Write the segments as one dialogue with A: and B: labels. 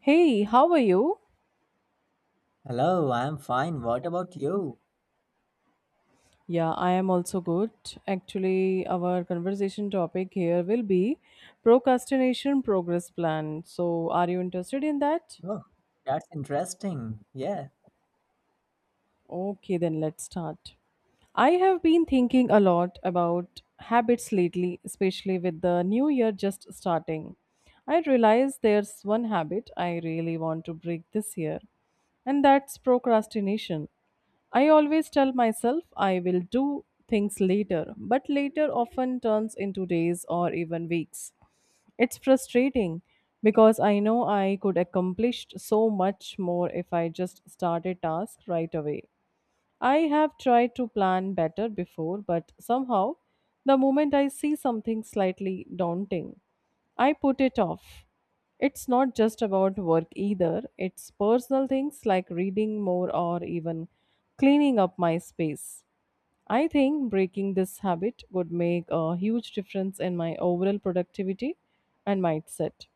A: Hey, how are you?
B: Hello, I'm fine. What about you?
A: Yeah, I am also good. Actually, our conversation topic here will be procrastination progress plan. So, are you interested in that?
B: Oh, that's interesting. Yeah.
A: Okay, then let's start. I have been thinking a lot about habits lately, especially with the new year just starting. I realize there's one habit I really want to break this year, and that's procrastination. I always tell myself I will do things later, but later often turns into days or even weeks. It's frustrating because I know I could accomplish so much more if I just started tasks right away. I have tried to plan better before, but somehow, the moment I see something slightly daunting, I put it off. It's not just about work either, it's personal things like reading more or even cleaning up my space. I think breaking this habit would make a huge difference in my overall productivity and mindset.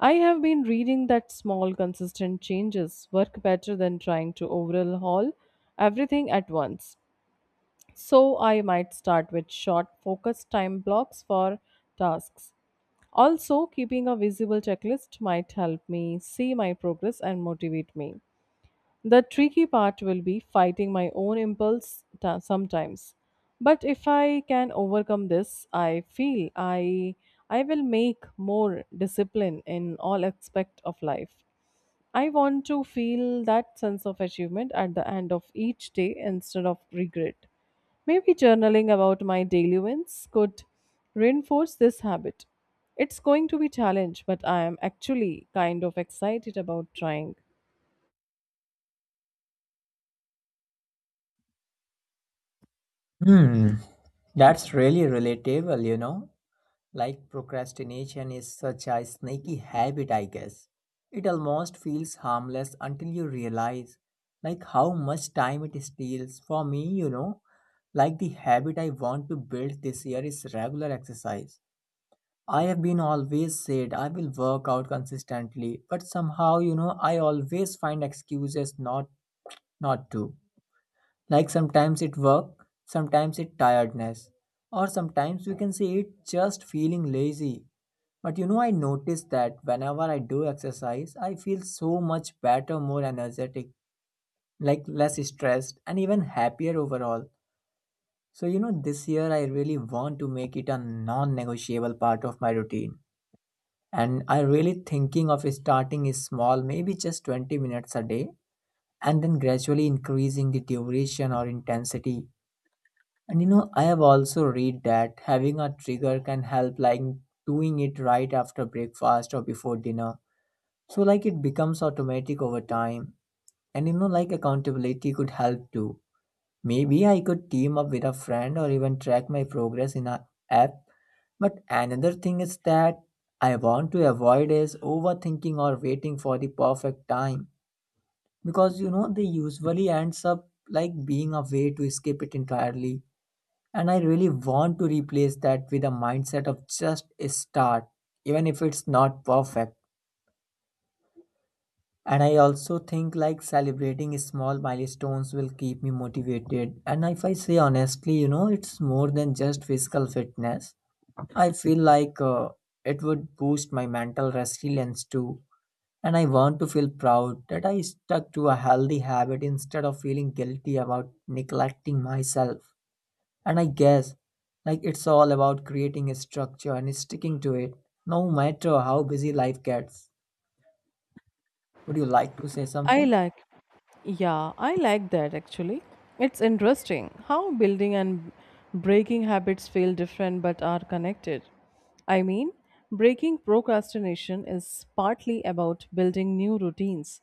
A: I have been reading that small, consistent changes work better than trying to overhaul everything at once. So, I might start with short, focused time blocks for tasks. Also, keeping a visible checklist might help me see my progress and motivate me. The tricky part will be fighting my own sometimes. But if I can overcome this, I feel I will make more discipline in all aspect of life. I want to feel that sense of achievement at the end of each day instead of regret. Maybe journaling about my daily wins could reinforce this habit. It's going to be challenge, but I am actually kind of excited about trying.
B: Hmm. That's really relatable, you know? Like procrastination is such a sneaky habit, I guess. It almost feels harmless until you realize like how much time it steals. For me, you know, like the habit I want to build this year is regular exercise. I have been always said I will work out consistently, but somehow, you know, I always find excuses not to. Like sometimes it work, sometimes it tiredness, or sometimes we can say it just feeling lazy. But you know, I notice that whenever I do exercise, I feel so much better, more energetic, like less stressed, and even happier overall. So, you know, this year I really want to make it a non negotiable part of my routine. And I really thinking of starting is small, maybe just 20 minutes a day, and then gradually increasing the duration or intensity. And you know, I have also read that having a trigger can help, like doing it right after breakfast or before dinner. So like it becomes automatic over time. And you know, like accountability could help too. Maybe I could team up with a friend or even track my progress in a app. But another thing is that I want to avoid is overthinking or waiting for the perfect time. Because you know, they usually ends up like being a way to escape it entirely. And I really want to replace that with a mindset of just a start, even if it's not perfect. And I also think like celebrating small milestones will keep me motivated. And if I say honestly, you know, it's more than just physical fitness. I feel like it would boost my mental resilience too. And I want to feel proud that I stuck to a healthy habit instead of feeling guilty about neglecting myself. And I guess like it's all about creating a structure and sticking to it, no matter how busy life gets. Would you like to say
A: I
B: something?
A: like Yeah, I like that actually. It's interesting how building and breaking habits feel different but are connected. I mean, breaking procrastination is partly about building new routines,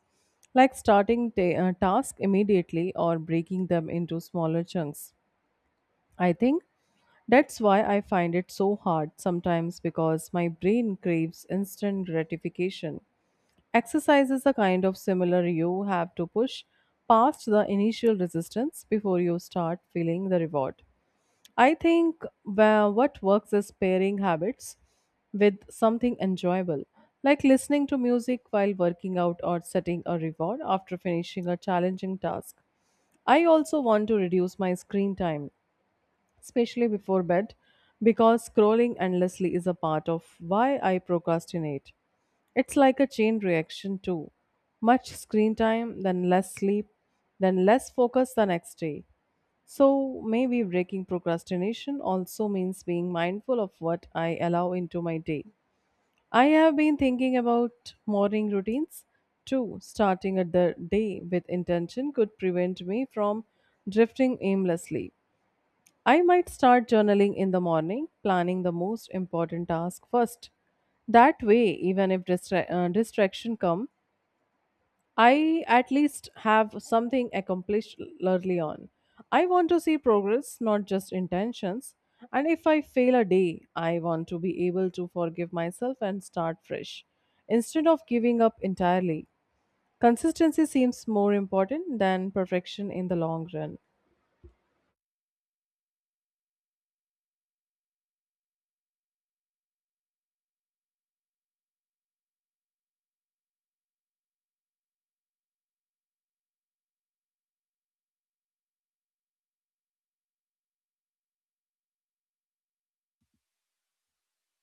A: like tasks immediately or breaking them into smaller chunks. I think that's why I find it so hard sometimes because my brain craves instant gratification. Exercise is a kind of similar. You have to push past the initial resistance before you start feeling the reward. I think what works is pairing habits with something enjoyable, like listening to music while working out or setting a reward after finishing a challenging task. I also want to reduce my screen time, especially before bed, because scrolling endlessly is a part of why I procrastinate. It's like a chain reaction too. Much screen time, then less sleep, then less focus the next day. So maybe breaking procrastination also means being mindful of what I allow into my day. I have been thinking about morning routines too. Starting at the day with intention could prevent me from drifting aimlessly. I might start journaling in the morning, planning the most important task first. That way, even if distraction come, I at least have something accomplished early on. I want to see progress, not just intentions. And if I fail a day, I want to be able to forgive myself and start fresh. Instead of giving up entirely, consistency seems more important than perfection in the long run.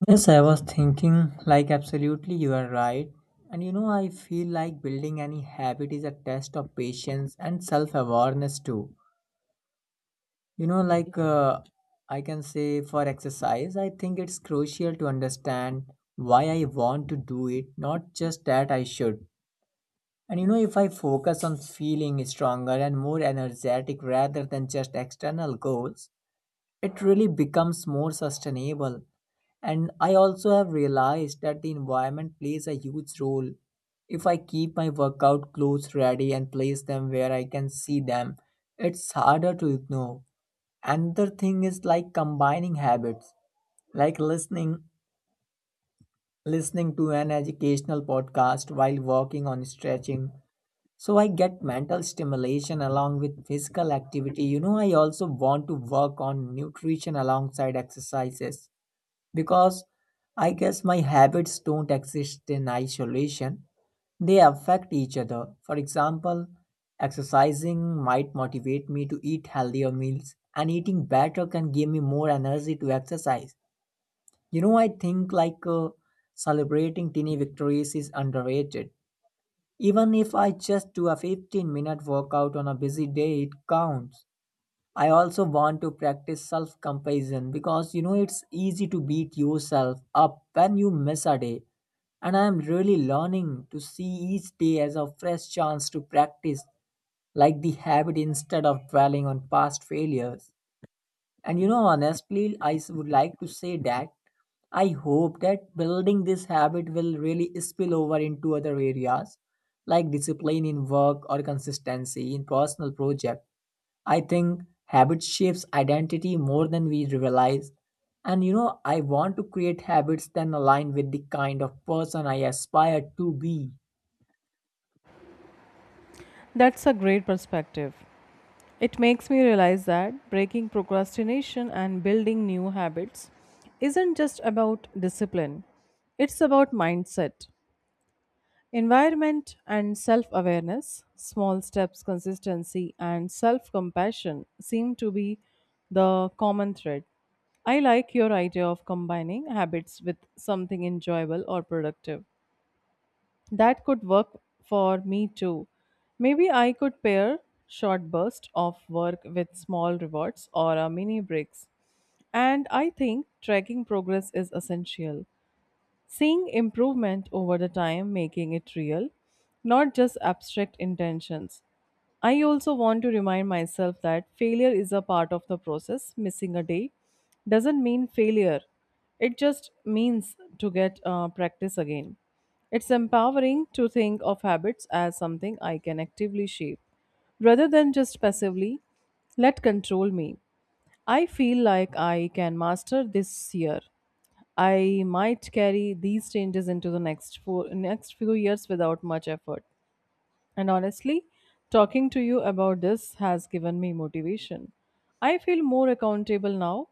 B: Yes, I was thinking, like, absolutely, you are right. And you know, I feel like building any habit is a test of patience and self awareness, too. You know, like, I can say for exercise, I think it's crucial to understand why I want to do it, not just that I should. And you know, if I focus on feeling stronger and more energetic rather than just external goals, it really becomes more sustainable. And I also have realized that the environment plays a huge role. If I keep my workout clothes ready and place them where I can see them, it's harder to ignore. Another thing is like combining habits, like listening to an educational podcast while working on stretching. So I get mental stimulation along with physical activity. You know, I also want to work on nutrition alongside exercises because I guess my habits don't exist in isolation. They affect each other. For example, exercising might motivate me to eat healthier meals, and eating better can give me more energy to exercise. You know, I think like celebrating tiny victories is underrated, even if I just do a 15-minute workout on a busy day, it counts. I also want to practice self compassion because you know it's easy to beat yourself up when you miss a day. And I am really learning to see each day as a fresh chance to practice like the habit instead of dwelling on past failures. And you know, honestly, would like to say that I hope that building this habit will really spill over into other areas, like discipline in work or consistency in personal project. I think habit shapes identity more than we realize. And you know, I want to create habits that align with the kind of person I aspire to be.
A: That's a great perspective. It makes me realize that breaking procrastination and building new habits isn't just about discipline, it's about mindset, environment, and self awareness. Small steps, consistency, and self compassion seem to be the common thread. I like your idea of combining habits with something enjoyable or productive. That could work for me too. Maybe I could pair short bursts of work with small rewards or a mini breaks. And I think tracking progress is essential. Seeing improvement over the time, making it real, not just abstract intentions. I also want to remind myself that failure is a part of the process. Missing a day doesn't mean failure, it just means to get practice again. It's empowering to think of habits as something I can actively shape rather than just passively let control me. I feel like I can master this year. I might carry these changes into the next few years without much effort. And honestly, talking to you about this has given me motivation. I feel more accountable now.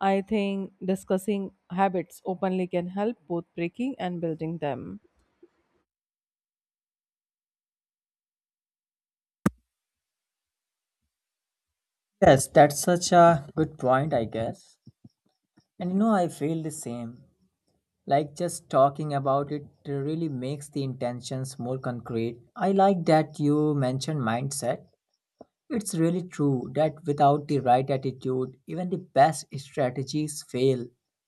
A: I think discussing habits openly can help both breaking and building them.
B: Yes, that's such a good point, I guess. And you know, I feel the same. Like just talking about it really makes the intentions more concrete. I like that you mentioned mindset. It's really true that without the right attitude, even the best strategies fail.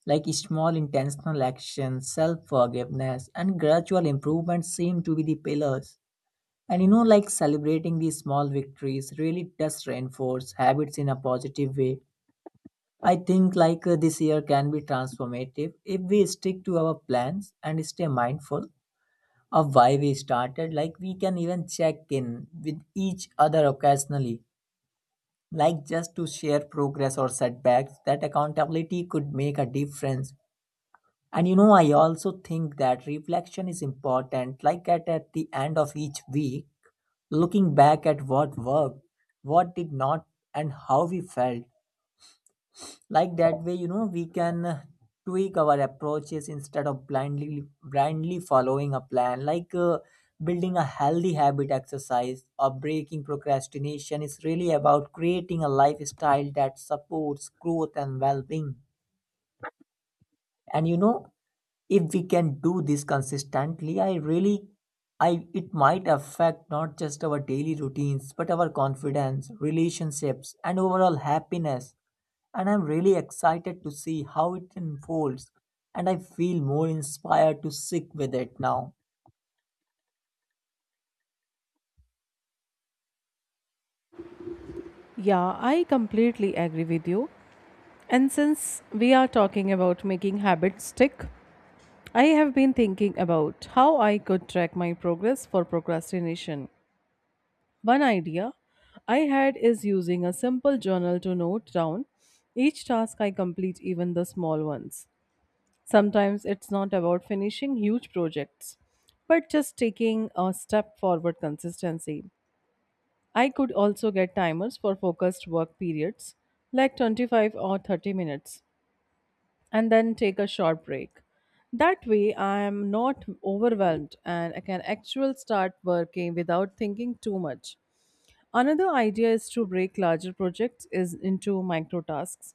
B: Like small intentional actions, self forgiveness, and gradual improvement seem to be the pillars. And you know, like celebrating these small victories really does reinforce habits in a positive way. I think like this year can be transformative if we stick to our plans and stay mindful of why we started. Like we can even check in with each other occasionally, like just to share progress or setbacks. That accountability could make a difference. And you know, I also think that reflection is important. Like at the end of each week, looking back at what worked, what did not, and how we felt, like that way you know we can tweak our approaches instead of blindly following a plan, like building a healthy habit exercise or breaking procrastination is really about creating a lifestyle that supports growth and well-being. And you know, if we can do this consistently, I it might affect not just our daily routines but our confidence, relationships, and overall happiness. And I'm really excited to see how it unfolds, and I feel more inspired to stick with it now.
A: Yeah, I completely agree with you. And since we are talking about making habits stick, I have been thinking about how I could track my progress for procrastination. One idea I had is using a simple journal to note down each task I complete, even the small ones. Sometimes it's not about finishing huge projects, but just taking a step forward consistency. I could also get timers for focused work periods like 25 or 30 minutes and then take a short break. That way, I am not overwhelmed and I can actually start working without thinking too much. Another idea is to break larger projects is into micro tasks.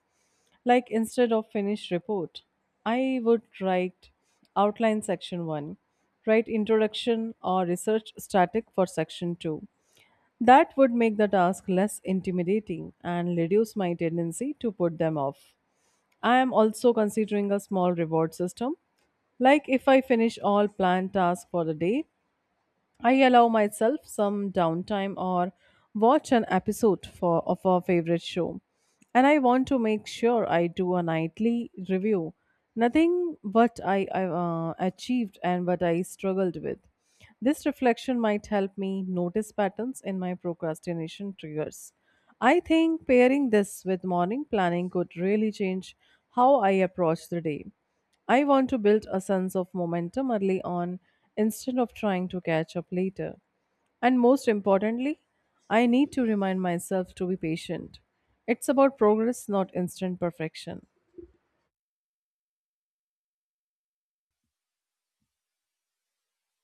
A: Like instead of finished report, I would write outline section 1, write introduction or research static for section 2 that would make the task less intimidating and reduce my tendency to put them off. I am also considering a small reward system, like if I finish all planned tasks for the day, I allow myself some downtime or watch an episode of a favorite show. And I want to make sure I do a nightly review. Nothing what I achieved and what I struggled with. This reflection might help me notice patterns in my procrastination triggers. I think pairing this with morning planning could really change how I approach the day. I want to build a sense of momentum early on instead of trying to catch up later. And most importantly, I need to remind myself to be patient. It's about progress, not instant perfection.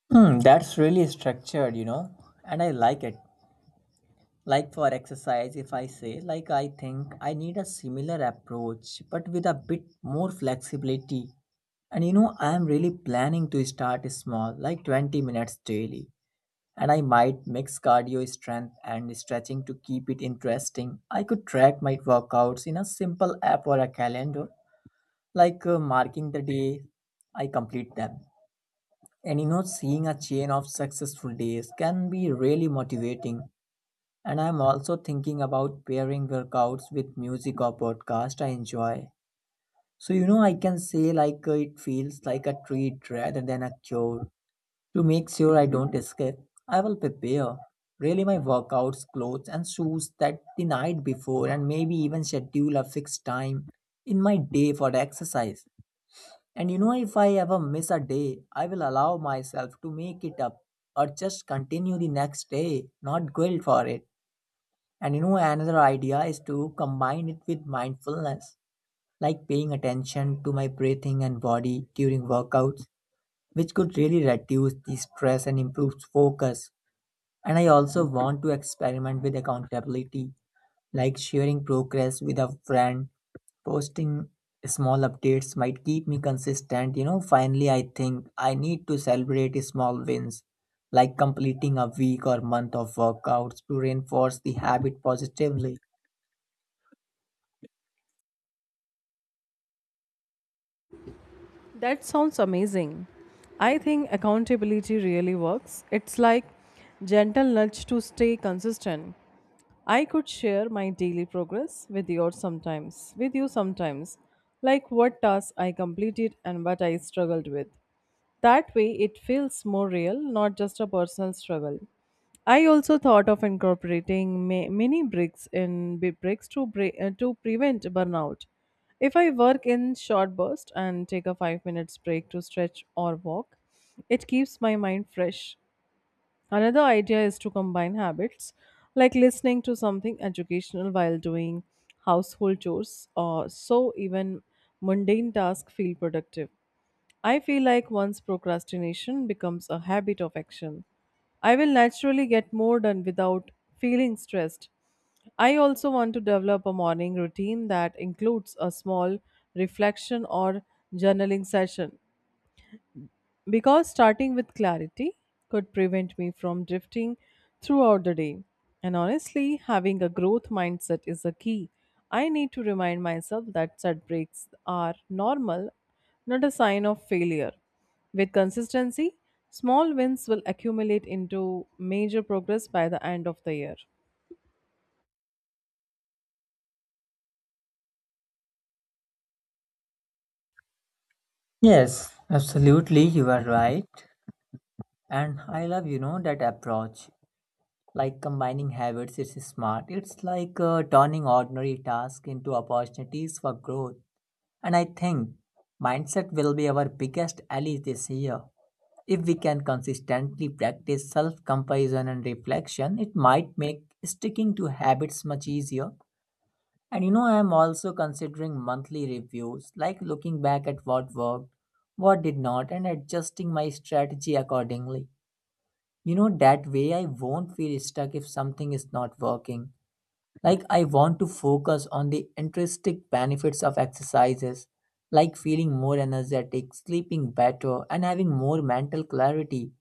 B: Hmm, that's really structured, you know, and I like it. Like for exercise, if I say, like, I think I need a similar approach, but with a bit more flexibility. And you know, I am really planning to start small, like 20 minutes daily. And I might mix cardio strength and stretching to keep it interesting. I could track my workouts in a simple app or a calendar, like marking the day I complete them. And you know, seeing a chain of successful days can be really motivating. And I'm also thinking about pairing workouts with music or podcast I enjoy. So, you know, I can say like it feels like a treat rather than a chore. To make sure I don't escape, I will prepare really my workouts, clothes, and shoes that the night before, and maybe even schedule a fixed time in my day for the exercise. And you know, if I ever miss a day, I will allow myself to make it up or just continue the next day, not guilt for it. And you know, another idea is to combine it with mindfulness, like paying attention to my breathing and body during workouts, which could really reduce the stress and improve focus. And I also want to experiment with accountability, like sharing progress with a friend, posting small updates might keep me consistent. You know, finally, I think I need to celebrate small wins, like completing a week or month of workouts to reinforce the habit positively.
A: That sounds amazing. I think accountability really works. It's like gentle nudge to stay consistent. I could share my daily progress with you sometimes, like what tasks I completed and what I struggled with. That way, it feels more real, not just a personal struggle. I also thought of incorporating mini breaks in bi- breaks to bre- to prevent burnout. If I work in short bursts and take a 5 minutes break to stretch or walk, it keeps my mind fresh. Another idea is to combine habits like listening to something educational while doing household chores, or so even mundane tasks feel productive. I feel like once procrastination becomes a habit of action, I will naturally get more done without feeling stressed. I also want to develop a morning routine that includes a small reflection or journaling session because starting with clarity could prevent me from drifting throughout the day. And honestly, having a growth mindset is a key. I need to remind myself that setbacks are normal, not a sign of failure. With consistency, small wins will accumulate into major progress by the end of the year.
B: Yes, absolutely, you are right. And I love, you know, that approach. Like combining habits, it's smart. It's like turning ordinary tasks into opportunities for growth. And I think mindset will be our biggest ally this year. If we can consistently practice self compassion and reflection, it might make sticking to habits much easier. And you know, I am also considering monthly reviews, like looking back at what worked, what did not, and adjusting my strategy accordingly. You know, that way I won't feel stuck if something is not working. Like, I want to focus on the intrinsic benefits of exercises, like feeling more energetic, sleeping better, and having more mental clarity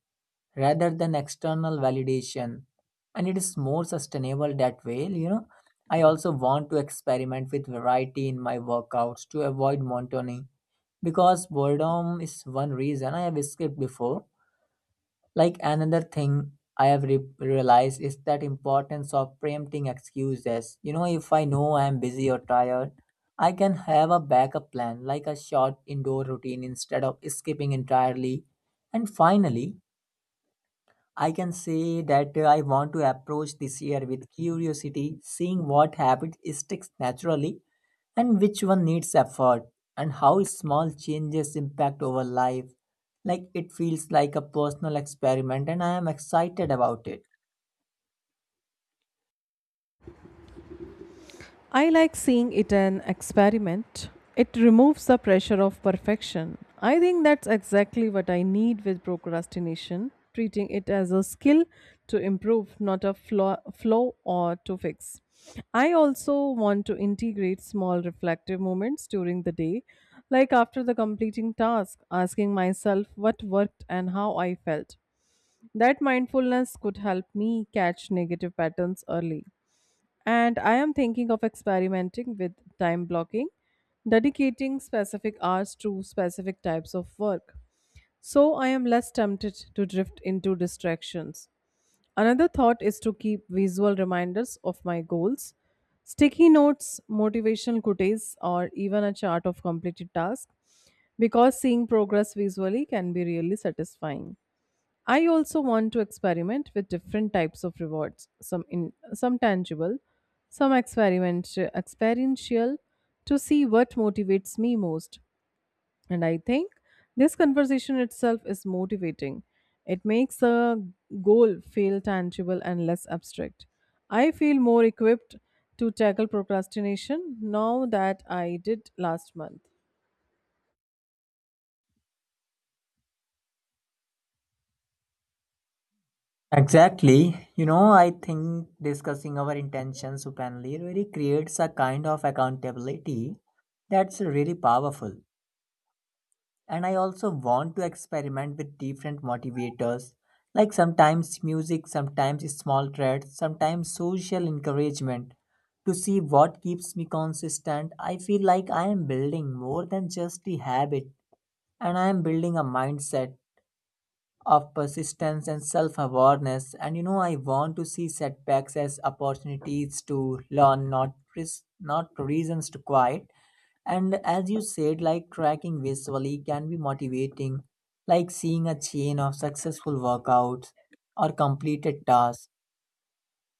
B: rather than external validation, and it is more sustainable that way. You know, I also want to experiment with variety in my workouts to avoid monotony because boredom is one reason I have escaped before. Like another thing realized is that importance of preempting excuses. You know, if I know I am busy or tired, I can have a backup plan, like a short indoor routine instead of skipping entirely. And finally, I can say that I want to approach this year with curiosity, seeing what habit sticks naturally and which one needs effort, and how small changes impact over life. Like it feels like a personal experiment, and I am excited about it.
A: I like seeing it an experiment. It removes the pressure of perfection. I think that's exactly what I need with procrastination, treating it as a skill to improve, not a flaw or to fix. I also want to integrate small reflective moments during the day, like after the completing task, asking myself what worked and how I felt. That mindfulness could help me catch negative patterns early. And I am thinking of experimenting with time blocking, dedicating specific hours to specific types of work. So I am less tempted to drift into distractions. Another thought is to keep visual reminders of my goals, sticky notes, motivational quotes, or even a chart of completed tasks because seeing progress visually can be really satisfying. I also want to experiment with different types of rewards, some in some tangible, some experiment experiential to see what motivates me most. And I think this conversation itself is motivating. It makes a goal feel tangible and less abstract. I feel more equipped to tackle procrastination now that I did last month.
B: Exactly. You know, I think discussing our intentions openly really creates a kind of accountability that's really powerful. And I also want to experiment with different motivators, like sometimes music, sometimes small threads, sometimes social encouragement, to see what keeps me consistent. I feel like I am building more than just a habit, and I am building a mindset of persistence and self awareness. And you know, I want to see setbacks as opportunities to learn, not reasons to quit. And as you said, like tracking visually can be motivating, like seeing a chain of successful workouts or completed tasks.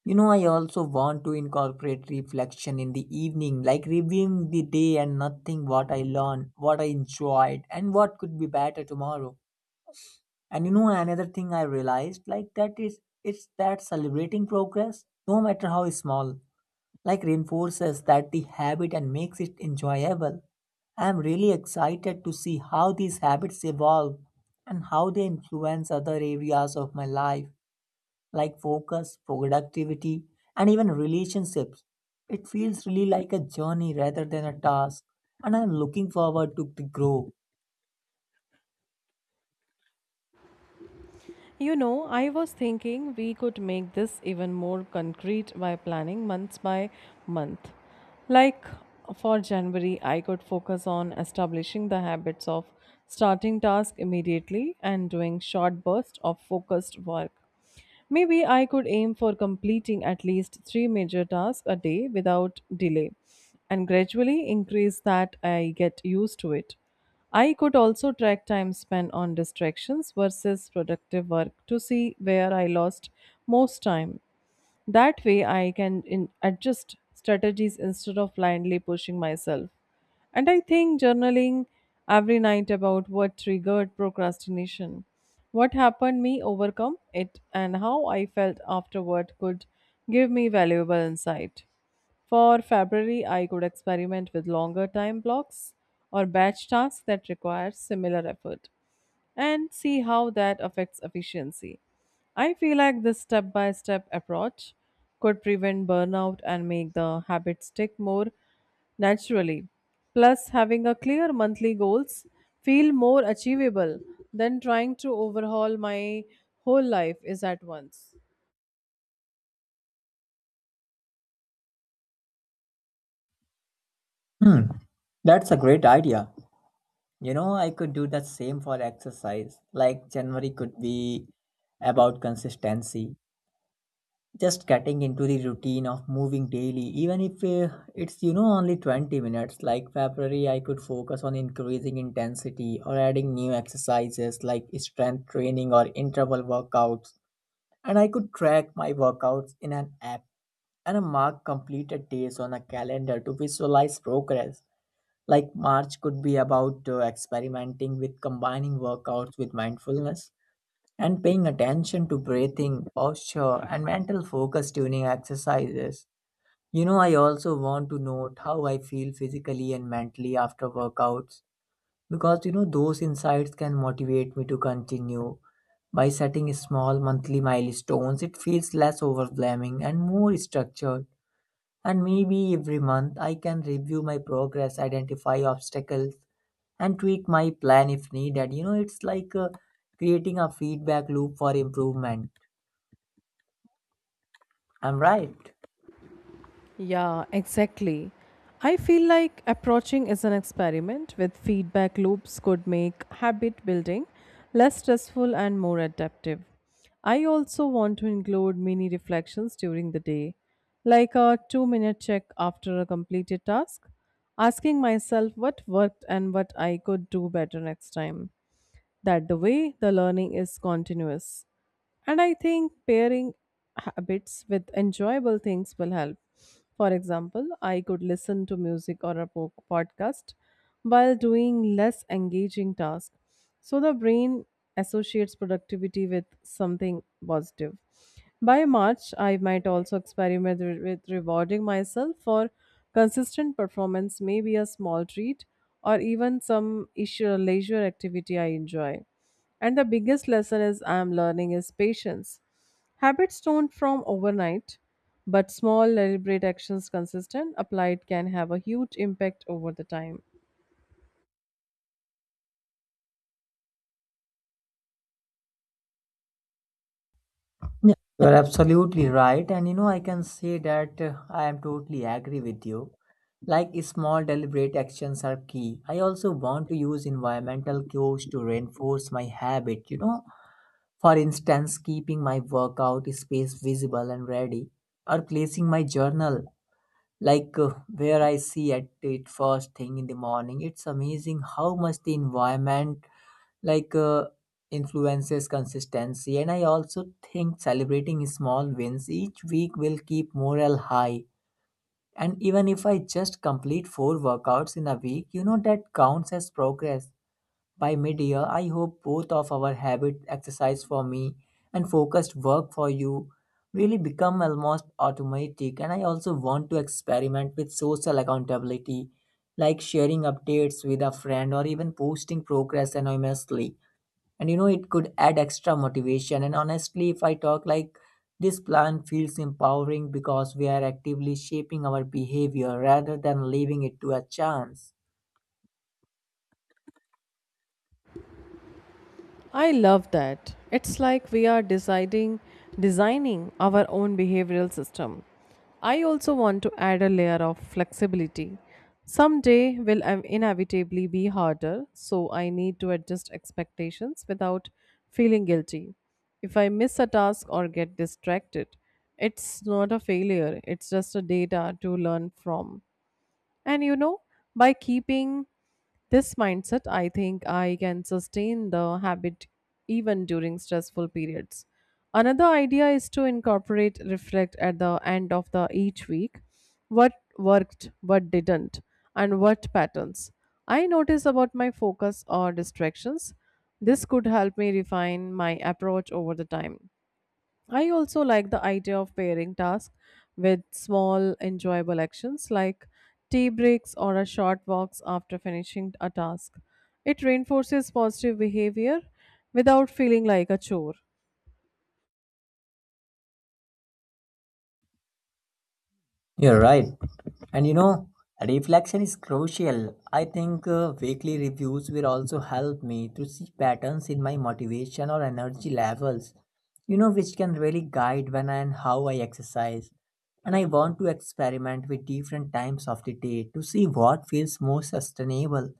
B: You know, I also want to incorporate reflection in the evening, like reviewing the day and nothing what I learned, what I enjoyed, and what could be better tomorrow. And you know, another thing I realized, like, that is it's that celebrating progress, no matter how small, like reinforces that the habit and makes it enjoyable. I am really excited to see how these habits evolve and how they influence other areas of my life, like focus, productivity, and even relationships. It feels really like a journey rather than a task, and I'm looking forward to the grow.
A: You know, I was thinking we could make this even more concrete by planning months by month. Like for January, I could focus on establishing the habits of starting tasks immediately and doing short bursts of focused work. Maybe I could aim for completing at least three major tasks a day without delay and gradually increase that I get used to it. I could also track time spent on distractions versus productive work to see where I lost most time. That way, I can adjust strategies instead of blindly pushing myself. And I think journaling every night about what triggered procrastination, what happened me overcome it, and how I felt afterward could give me valuable insight. For February, I could experiment with longer time blocks or batch tasks that require similar effort and see how that affects efficiency. I feel like this step by step approach could prevent burnout and make the habit stick more naturally. Plus, having a clear monthly goals feel more achievable than trying to overhaul my whole life is at once.
B: Hmm, that's a great idea. You know, I could do the same for exercise. Like January could be about consistency, just getting into the routine of moving daily, even if only 20 minutes. Like February, I could focus on increasing intensity or adding new exercises like strength training or interval workouts. And I could track my workouts in an app and mark completed days on a calendar to visualize progress. Like March could be about experimenting with combining workouts with mindfulness and paying attention to breathing, posture, and mental focus during exercises. You know, I also want to note how I feel physically and mentally after workouts because you know those insights can motivate me to continue. By setting small monthly milestones, it feels less overwhelming and more structured. And maybe every month I can review my progress, identify obstacles, and tweak my plan if needed. You know, it's like creating a feedback loop for improvement. I'm right.
A: Yeah, exactly. I feel like approaching is an experiment with feedback loops could make habit building less stressful and more adaptive. I also want to include mini reflections during the day, like a 2 minute check after a completed task, asking myself what worked and what I could do better next time. That the way the learning is continuous. And I think pairing habits with enjoyable things will help. For example, I could listen to music or a podcast while doing less engaging tasks. So the brain associates productivity with something positive. By March, I might also experiment with rewarding myself for consistent performance, maybe a small treat or even some issue, leisure activity I enjoy. And the biggest lesson is I am learning is patience. Habits don't form overnight, but small deliberate actions consistent applied can have a huge impact over the time.
B: Yeah. You're absolutely right. And you know, I can say that I am totally agree with you. Like small deliberate actions are key. I also want to use environmental cues to reinforce my habit, you know. For instance, keeping my workout space visible and ready, or placing my journal like where I see at it first thing in the morning. It's amazing how much the environment, like influences consistency. And I also think celebrating small wins each week will keep morale high, and even if I just complete four workouts in a week, you know, that counts as progress. By mid year, I hope both of our habit, exercise for me and focused work for you, really become almost automatic. And I also want to experiment with social accountability, like sharing updates with a friend or even posting progress anonymously. And you know, it could add extra motivation. And honestly, if I talk like this plan feels empowering because we are actively shaping our behavior rather than leaving it to a chance.
A: I love that. It's like we are deciding designing our own behavioral system. I also want to add a layer of flexibility. Someday will inevitably be harder, so I need to adjust expectations without feeling guilty. If I miss a task or get distracted, it's not a failure, it's just a data to learn from. And you know, by keeping this mindset, I think I can sustain the habit even during stressful periods. Another idea is to incorporate reflect at the end of the each week what worked, what didn't, and what patterns. I notice about my focus or distractions. This could help me refine my approach over the time. I also like the idea of pairing tasks with small, enjoyable actions like tea breaks or a short walks after finishing a task. It reinforces positive behavior without feeling like a chore.
B: You're right. And you know, reflection is crucial. I think weekly reviews will also help me to see patterns in my motivation or energy levels, you know, which can really guide when and how I exercise. And I want to experiment with different times of the day to see what feels more sustainable,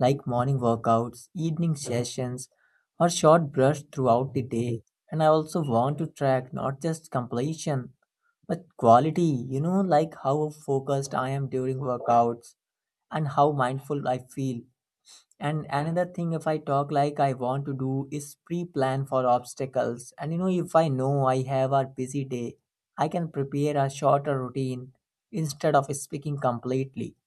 B: like morning workouts, evening sessions, or short brush throughout the day. And I also want to track not just completion but quality, you know, like how focused I am during workouts and how mindful I feel. And another thing, if I talk like I want to do is pre plan for obstacles. And you know, if I know I have a busy day, I can prepare a shorter routine instead of speaking completely.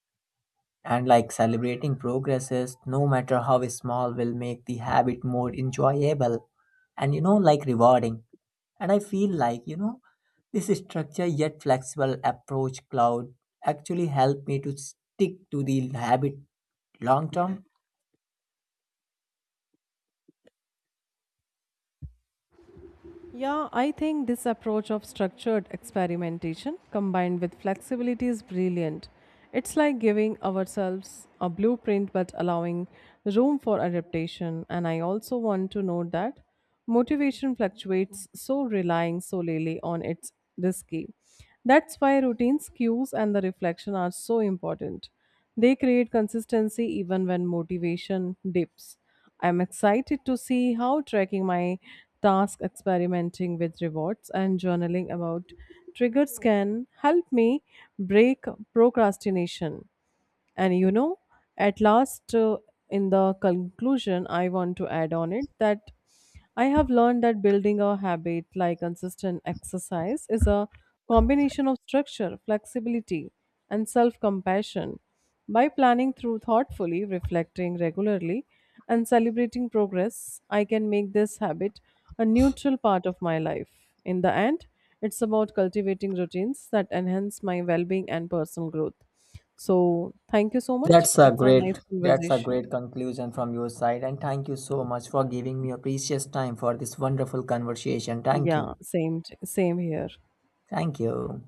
B: And like celebrating progresses, no matter how small, will make the habit more enjoyable and, you know, like rewarding. And I feel like, you know, this structure yet flexible approach cloud actually helped me to stick to the habit long term.
A: Yeah, I think this approach of structured experimentation combined with flexibility is brilliant. It's like giving ourselves a blueprint but allowing room for adaptation. And I also want to note that motivation fluctuates, so relying solely on it's risky. That's why routines, cues, and the reflection are so important. They create consistency even when motivation dips. I'm excited to see how tracking my task, experimenting with rewards, and journaling about triggers can help me break procrastination. And you know, at last, in the conclusion, I want to add on it that I have learned that building a habit like consistent exercise is a combination of structure, flexibility, and self compassion. By planning through thoughtfully, reflecting regularly, and celebrating progress, I can make this habit a neutral part of my life. In the end, it's about cultivating routines that enhance my well being and personal growth. So thank you so much.
B: That's a
A: It's a nice
B: great that's a great
A: conversation.
B: conclusion from your side, and thank you so much for giving me your precious time for this wonderful conversation. Thank
A: Yeah,
B: you.
A: same here.
B: Thank you.